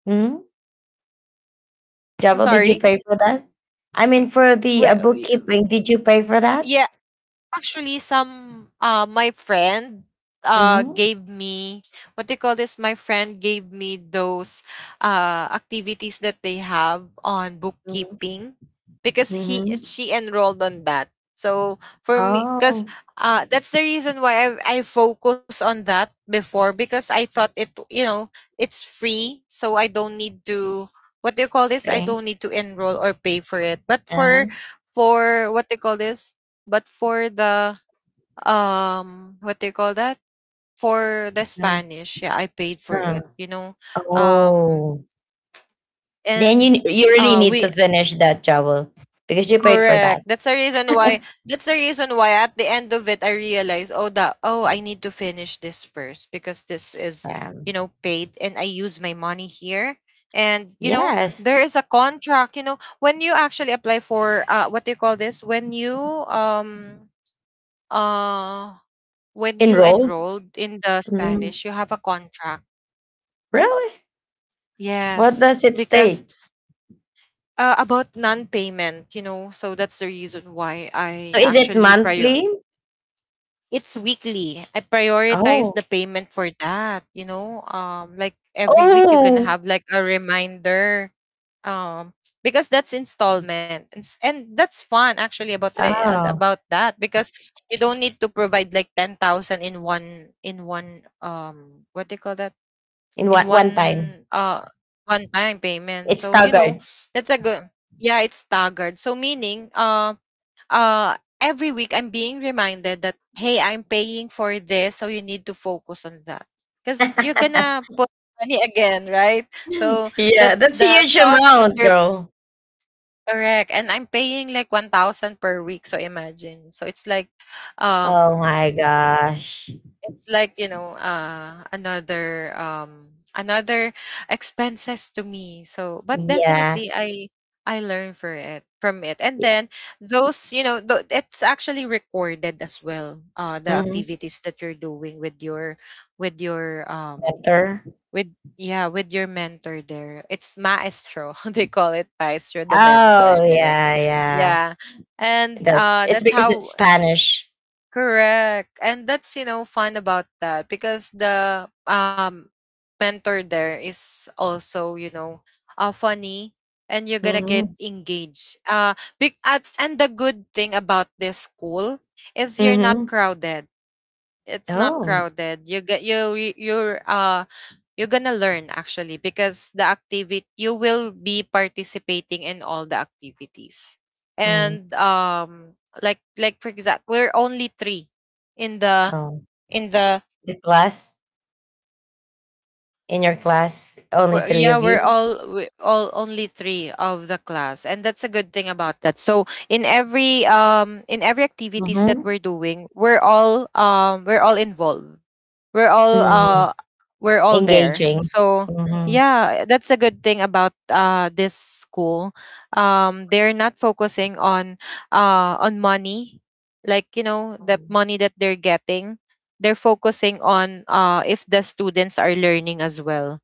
A: Hmm,
B: I'm
A: Jovel, did you
B: sorry.
A: pay for that? I mean, for the
B: Well,
A: bookkeeping, did you pay for that?
B: yeah. Actually, some my friend,
A: Mm-hmm.
B: gave me, what they call this. My friend gave me those activities that they have on
A: Mm-hmm.
B: bookkeeping, because he
A: Mm-hmm.
B: she enrolled on that. So for me, because
A: Oh,
B: that's the reason why I focus on that before because I thought it. It's free, so I don't need to what do you call this? I
A: okay.
B: don't need to enroll or pay for it. But for
A: Uh-huh.
B: for what do you call this? But for the what do you call that? For the
A: No.
B: Spanish, yeah, I paid for
A: Uh,
B: it, you know. Um
A: oh, then
B: and
A: you really need
B: we
A: to finish that, Jovel, because you paid for that.
B: Correct. That's the reason why at the end of it I realized, oh that oh I need to finish this first because this is,
A: Um,
B: you know, paid and I use my money here. And you know,
A: yes,
B: there is a contract, you know, when you actually apply for what do you call this? Um uh when you
A: enrolled.
B: enrolled in the
A: Mm.
B: Spanish, you have a contract.
A: Really? What
B: Yes,
A: does it
B: because
A: state?
B: about non-payment, you know, so that's the reason why I
A: So is it
B: actually prior.
A: monthly?
B: It's weekly. I prioritize the
A: Oh.
B: payment for that. You know, like every week you're gonna
A: Oh.
B: have like a reminder, um, because that's installment, and that's fun actually about the
A: Oh,
B: about that because you don't need to provide like 10,000 in one what do you call that
A: in
B: in
A: one one time.
B: one time payment.
A: It's
B: So you know
A: staggered.
B: that's a good, yeah, it's staggered. So meaning every week I'm being reminded that hey I'm paying for this so you need to focus on that because you're gonna put money again, right. So that
A: Yeah, that's a
B: the
A: huge
B: thought that
A: amount,
B: you're
A: girl.
B: correct and I'm paying like 1,000 per week. So imagine, so it's like
A: Oh my
B: um
A: gosh.
B: it's like, you know, another another expenses to me so, but
A: Yeah.
B: definitely I learn for it from it. And
A: Yeah.
B: then those, you know, it's actually recorded as well, the
A: Mhm.
B: activities that you're doing with your with your um
A: Better.
B: with, yeah, with your mentor there, it's maestro they call it maestro the
A: Oh,
B: mentor there,
A: yeah, yeah.
B: yeah. And
A: That's it's
B: that's
A: because
B: how.
A: it's Spanish.
B: Correct. And that's, you know, fun about that because the mentor there is also, you know, funny and you're gonna get
A: Mhm.
B: engaged. Big at, and the good thing about this school is you're not
A: Mhm.
B: crowded. It's not
A: Oh.
B: crowded. You get, you're gonna learn actually because the activity you will be participating in all the activities.
A: Mm.
B: And like for example, we're only three in
A: Oh.
B: the,
A: The class In your class, only three
B: Yeah,
A: of you.
B: we all only three of the class and that's a good thing about that. So in every activities that
A: Mhm.
B: we're doing, we're all, we're all involved, we're all
A: Mm.
B: uh we're all there.
A: Engaging.
B: So
A: Mhm.
B: yeah, that's a good thing about this school. They're not focusing on money, like, you know, the money that they're getting, they're focusing on if the students are learning as well.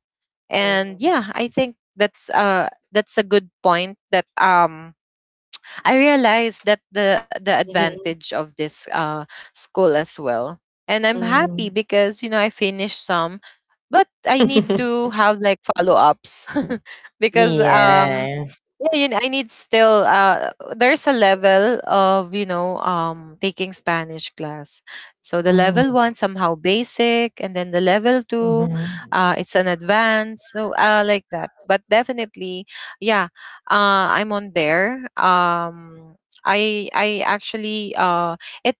B: And
A: Mm,
B: yeah, I think that's a good point that I realized that the
A: mhm.
B: advantage of this school as well. And I'm happy
A: Mhm,
B: because, you know, I finished some, but I need
A: mhm.
B: to have like follow-ups because
A: Yeah.
B: yeah, yun, I need still there's a level of, you know, taking Spanish class. So the
A: Mhm,
B: level 1 somehow basic and then the level 2,
A: mhm.
B: it's an advanced. So like that. But definitely, yeah, I'm on there. I actually it,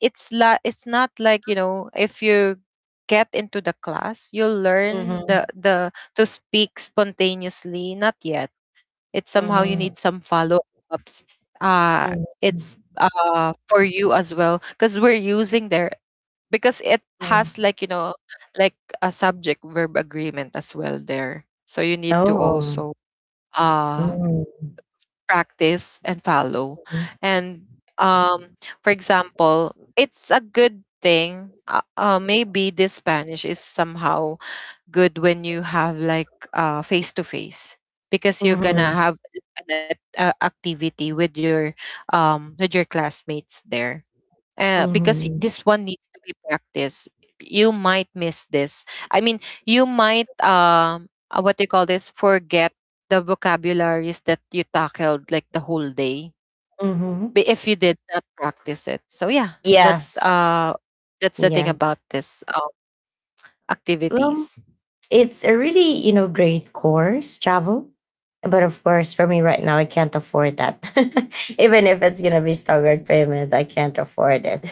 B: it's not like, you know, if you get into the class, you'll learn the
A: Mhm,
B: the to speak spontaneously, not yet. It's somehow you
A: mhm,
B: need some follow ups. Uh,
A: mhm,
B: it's for you as well because we're using there because it has
A: mhm.
B: like, you know, like a subject verb agreement as well there. So you need to
A: Oh.
B: also, uh,
A: Mhm,
B: practice and follow. And um, for example, it's a good thing. Maybe this Spanish is somehow good when you have like face to face because you're gonna
A: mhm,
B: have an activity with your classmates there, because
A: mhm,
B: this one needs to be practiced, you might miss this, I mean, you might what do you call this, forget the vocabularies that you tackled like the whole day,
A: mhm, mhm.
B: but if you did not practice it. So yeah,
A: Yeah,
B: that's the thing
A: yeah.
B: about this,
A: Well,
B: activities.
A: it's a really, great course, travel. But of course, for me right now, I can't afford that. Even if it's gonna be staggered payment, I can't afford it.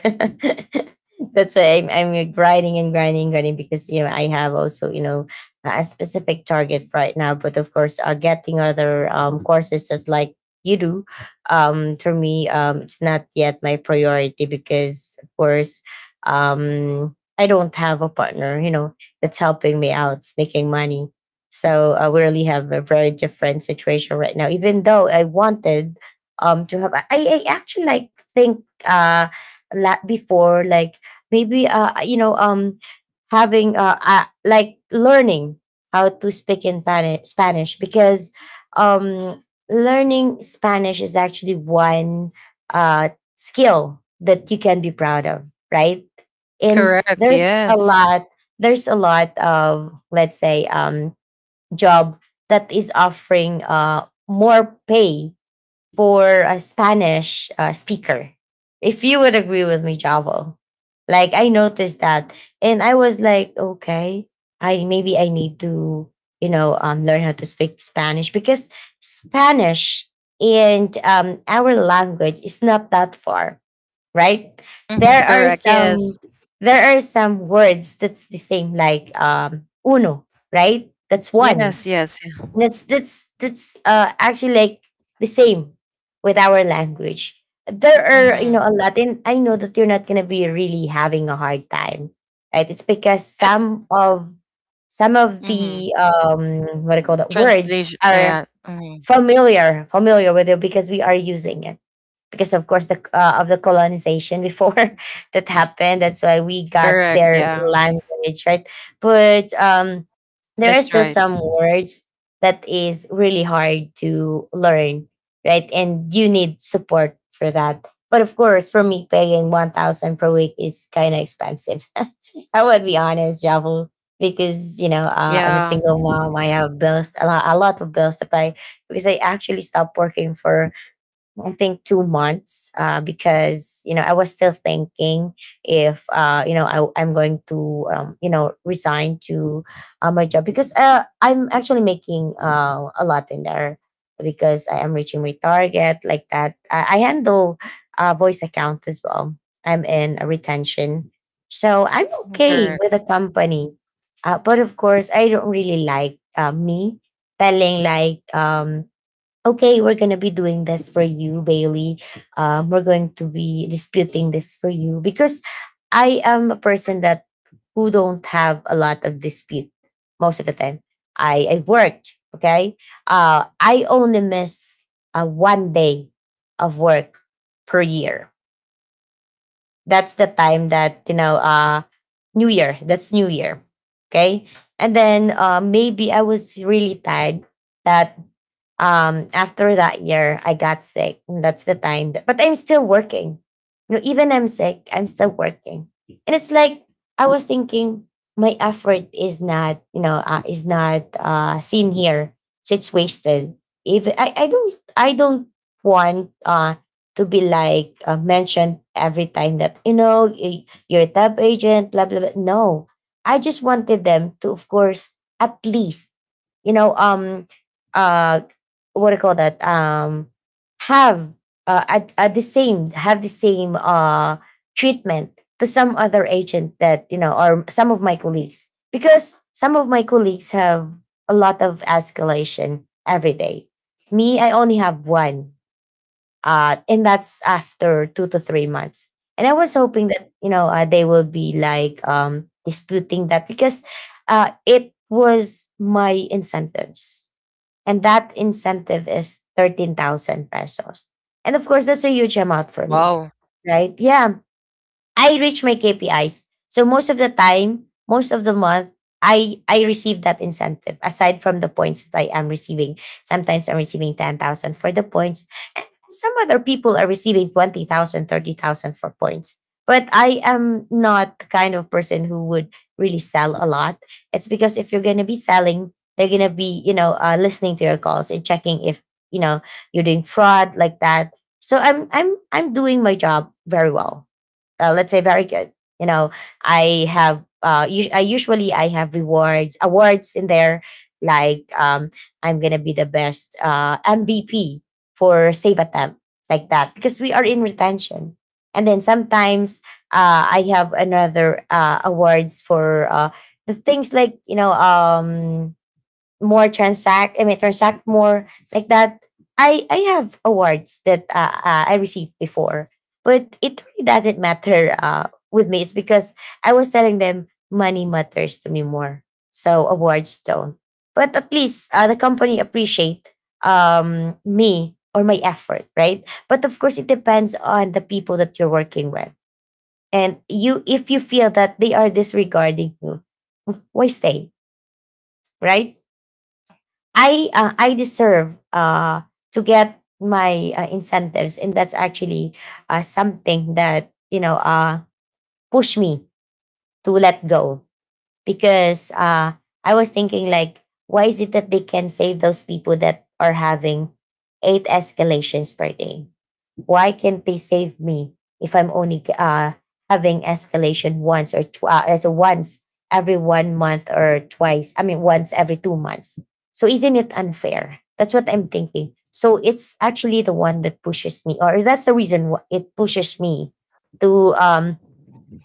A: That's why I'm grinding and grinding, grinding because I have also a specific target right now. But of course, getting other courses just like you do, for me, it's not yet my priority because of course, I don't have a partner. That's helping me out, making money. So, we really have a very different situation right now. Even though I wanted to have, I actually like think before like maybe having like learning how to speak in Spanish because um learning Spanish is actually one uh skill that you can be proud of, right? And
B: Correct,
A: there's a
B: yes.
A: lot there's a lot of, let's say, job that is offering more pay for a Spanish speaker, if you would agree with me, javo. Like I noticed that, and I was like, okay, I maybe I need to learn how to speak Spanish because Spanish and our language is not that far, right?
B: Mm-hmm.
A: There are
B: Correct. Yes.
A: some, words that's the same, like uno, right? That's one.
B: Yes, yes, yeah.
A: That's actually like the same with our language. There are,
B: Mm-hmm.
A: a lot, and I know that you're not gonna be really having a hard time, right? It's because
B: At,
A: some of
B: mm-hmm.
A: the what do you call that words
B: Translation.
A: are
B: Yeah. Mm-hmm.
A: familiar with you because we are using it because of course the of the colonization before that happened. That's why we got
B: Correct.
A: their
B: Yeah.
A: language, right. But there are
B: That's
A: still
B: right.
A: some words that is really hard to learn, right, and you need support for that. But of course, for me, paying 1000 per week is kind of expensive. I would be honest, Javel, because I'm a
B: Yeah.
A: single mom. I have bills, a lot of bills to pay because I actually stopped working for, I think, 2 months because I was still thinking if I'm going to resign to my job because I'm actually making a lot in there because I am reaching my target, like that. I handle voice account as well. I'm in a retention, so I'm okay
B: Correct.
A: with the company, but of course I don't really like me telling like okay, we're going to be doing this for you, Bailey. We're going to be disputing this for you because I am a person that who don't have a lot of dispute most of the time. I worked, okay? I only miss one day of work per year. That's the time that, New Year, that's New Year, okay? And then maybe I was really tired that after that year, I got sick, and that's the time that, but I'm still working. You know, even I'm sick, I'm still working, and it's like I was thinking my effort is not, is not seen here, so it's wasted. If i, I don't i don't want to be like, mentioned every time that, you know, you're a tab agent, blah blah blah. No, I just wanted them to, of course, at least, you know, uh what do you call that, have, at the same, have the same treatment to some other agent that, you know, or some of my colleagues, because some of my colleagues have a lot of escalation every day. Me, I only have one, and that's after 2 to 3 months. And I was hoping that, you know, they will be like, disputing that, because it was my incentives, and that incentive is 13,000 pesos. And of course, that's a huge amount for me,
B: Wow.
A: right? Yeah, I reach my KPIs. So most of the time, most of the month, I receive that incentive aside from the points that I am receiving. Sometimes I'm receiving 10,000 for the points. Some other people are receiving 20,000, 30,000 for points. But I am not the kind of person who would really sell a lot. It's because if you're going to be selling, they're going to be, you know, listening to your calls and checking if, you know, you're doing fraud like that. So I'm doing my job very well, let's say very good, you know. I have I have rewards, awards in there, like, I'm gonna be the best MVP for save attempt, like that, because we are in retention. And then sometimes I have another awards for the things like, you know, more transact more, like that. I have awards that I received before, but it really doesn't matter with me. It's because I was telling them money matters to me more, so awards don't. But at least, the company appreciate, me or my effort, right? But of course, it depends on the people that you're working with. And you, if you feel that they are disregarding you, why stay, right? I deserve, to get my incentives, and that's actually something that, you know, push me to let go, because I was thinking like, why is it that they can save those people that are having eight escalations per day? Why can't they save me if I'm only, having escalation once or tw- as a once every 1 month or twice? I mean, once every 2 months. So isn't it unfair? That's what I'm thinking. So it's actually the one that pushes me, or that's the reason it pushes me to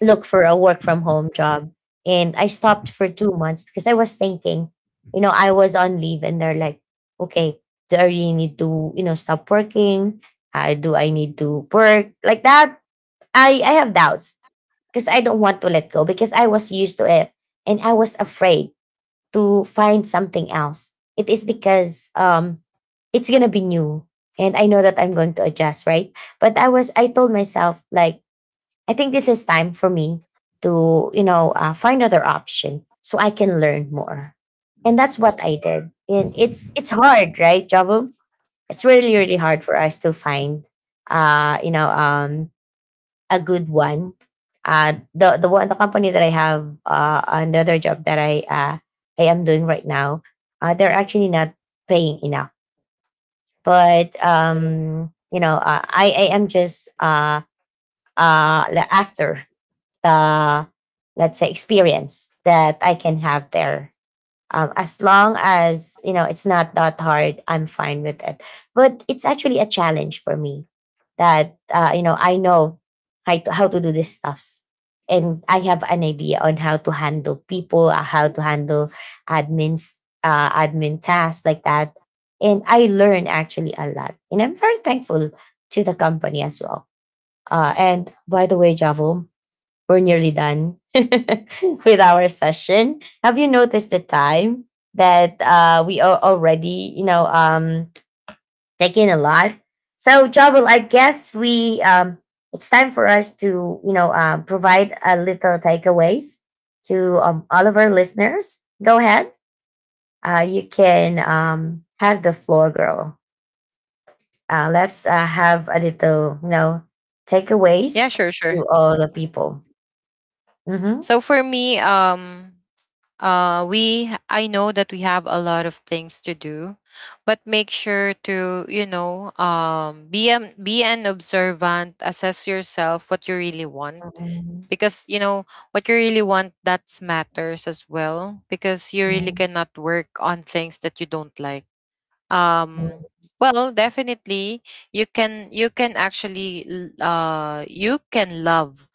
A: look for a work from home job. And I stopped for 2 months, because I was thinking, you know, I was on leave and they're like, okay, do I really need to, you know, stop working? How do I need to work? Like that, I have doubts, because I don't want to let go, because I was used to it, and I was afraid to find something else. It is because it's gonna be new, and I know that I'm going to adjust, right? But I told myself like, I think this is time for me to, you know, find other option so I can learn more. And that's what I did. And it's hard, right, Jabu? It's really really hard for us to find, uh, you know, um, a good one. The company that I have, and the other job that I am doing right now, they're actually not paying enough. But, I am just after uh, let's say experience that I can have there. As long as, you know, it's not that hard, I'm fine with it. But it's actually a challenge for me that, you know, I know how to do these stuffs, and I have an idea on how to handle people, how to handle admins, admin tasks like that. And I learn actually a lot, and I'm very thankful to the company as well. And by the way, Javo, we're nearly done with our session. Have you noticed the time that, we are already, taking a lot? So, Javel, I guess we, it's time for us to, you know, provide a little takeaways to, all of our listeners. Go ahead. You can, have the floor, girl. Let's have a little, you know,
B: Yeah.
A: takeaways
B: Sure. Sure.
A: to all the people.
B: So for me, we, I know that we have a lot of things to do, but make sure to, you know, be a, be an observant, assess yourself, what you really want,
A: Mm-hmm.
B: because you know what you really want, that matters as well because you really cannot work on things that you don't like. um
A: Mhm.
B: well, definitely, you can, you can actually, you can love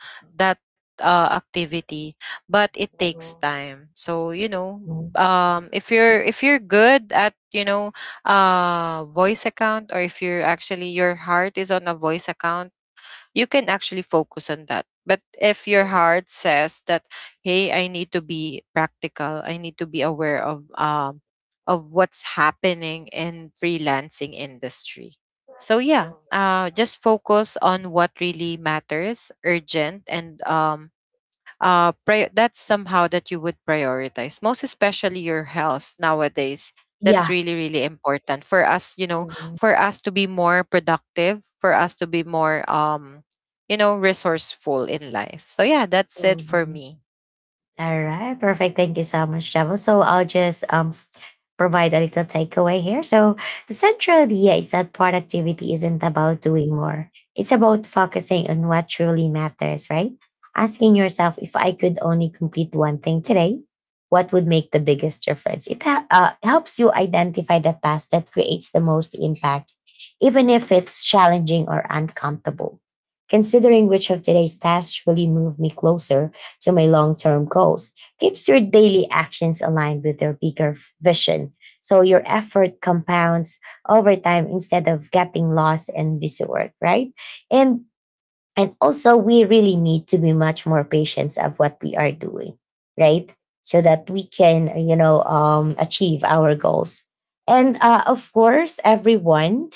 B: that activity, but it takes time. So you know, if you're, if you're good at, you know, voice account, or if you're actually your heart is on a voice account, you can actually focus on that. But if your heart says that, hey, I need to be practical, I need to be aware of what's happening in freelancing industry. So yeah, just focus on what really matters, urgent, and pri- that's somehow that you would prioritize, most especially your health nowadays. That's
A: Yeah.
B: really really important for us, you know,
A: Mhm.
B: for us to be more productive, for us to be more, you know, resourceful in life. So yeah, that's it for
A: Mhm.
B: me.
A: All right, perfect. Thank you so much, Travel. So I'll just provide a little takeaway here. So the central idea is that productivity isn't about doing more. It's about focusing on what truly matters, right? Asking yourself, if I could only complete one thing today, what would make the biggest difference? It helps you identify the task that creates the most impact, even if it's challenging or uncomfortable. Considering which of today's tasks truly move me closer to my long term goals keeps your daily actions aligned with your bigger vision. So your effort compounds over time instead of getting lost in busy work, right? And and also, we really need to be much more patient of what we are doing, right? So that we can, you know, achieve our goals. And, of course, everyone,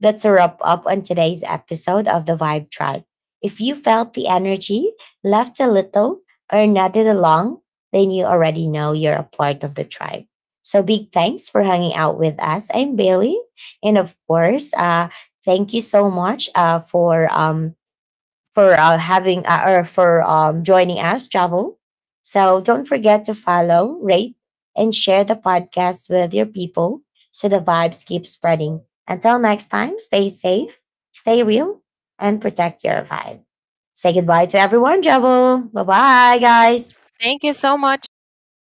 A: that's a wrap up on today's episode of the Vibe Tribe. If you felt the energy, laughed a little, or nodded along, then you already know you're a part of the tribe. So big thanks for hanging out with us. I'm Bailey, and of course, thank you so much, for having, or for joining us, Javo. So don't forget to follow, rate, and share the podcast with your people so the vibes keep spreading. Until next time, stay safe, stay real, and protect your vibe. Say goodbye to everyone, Javo. Bye bye, guys.
B: Thank you so much, bye.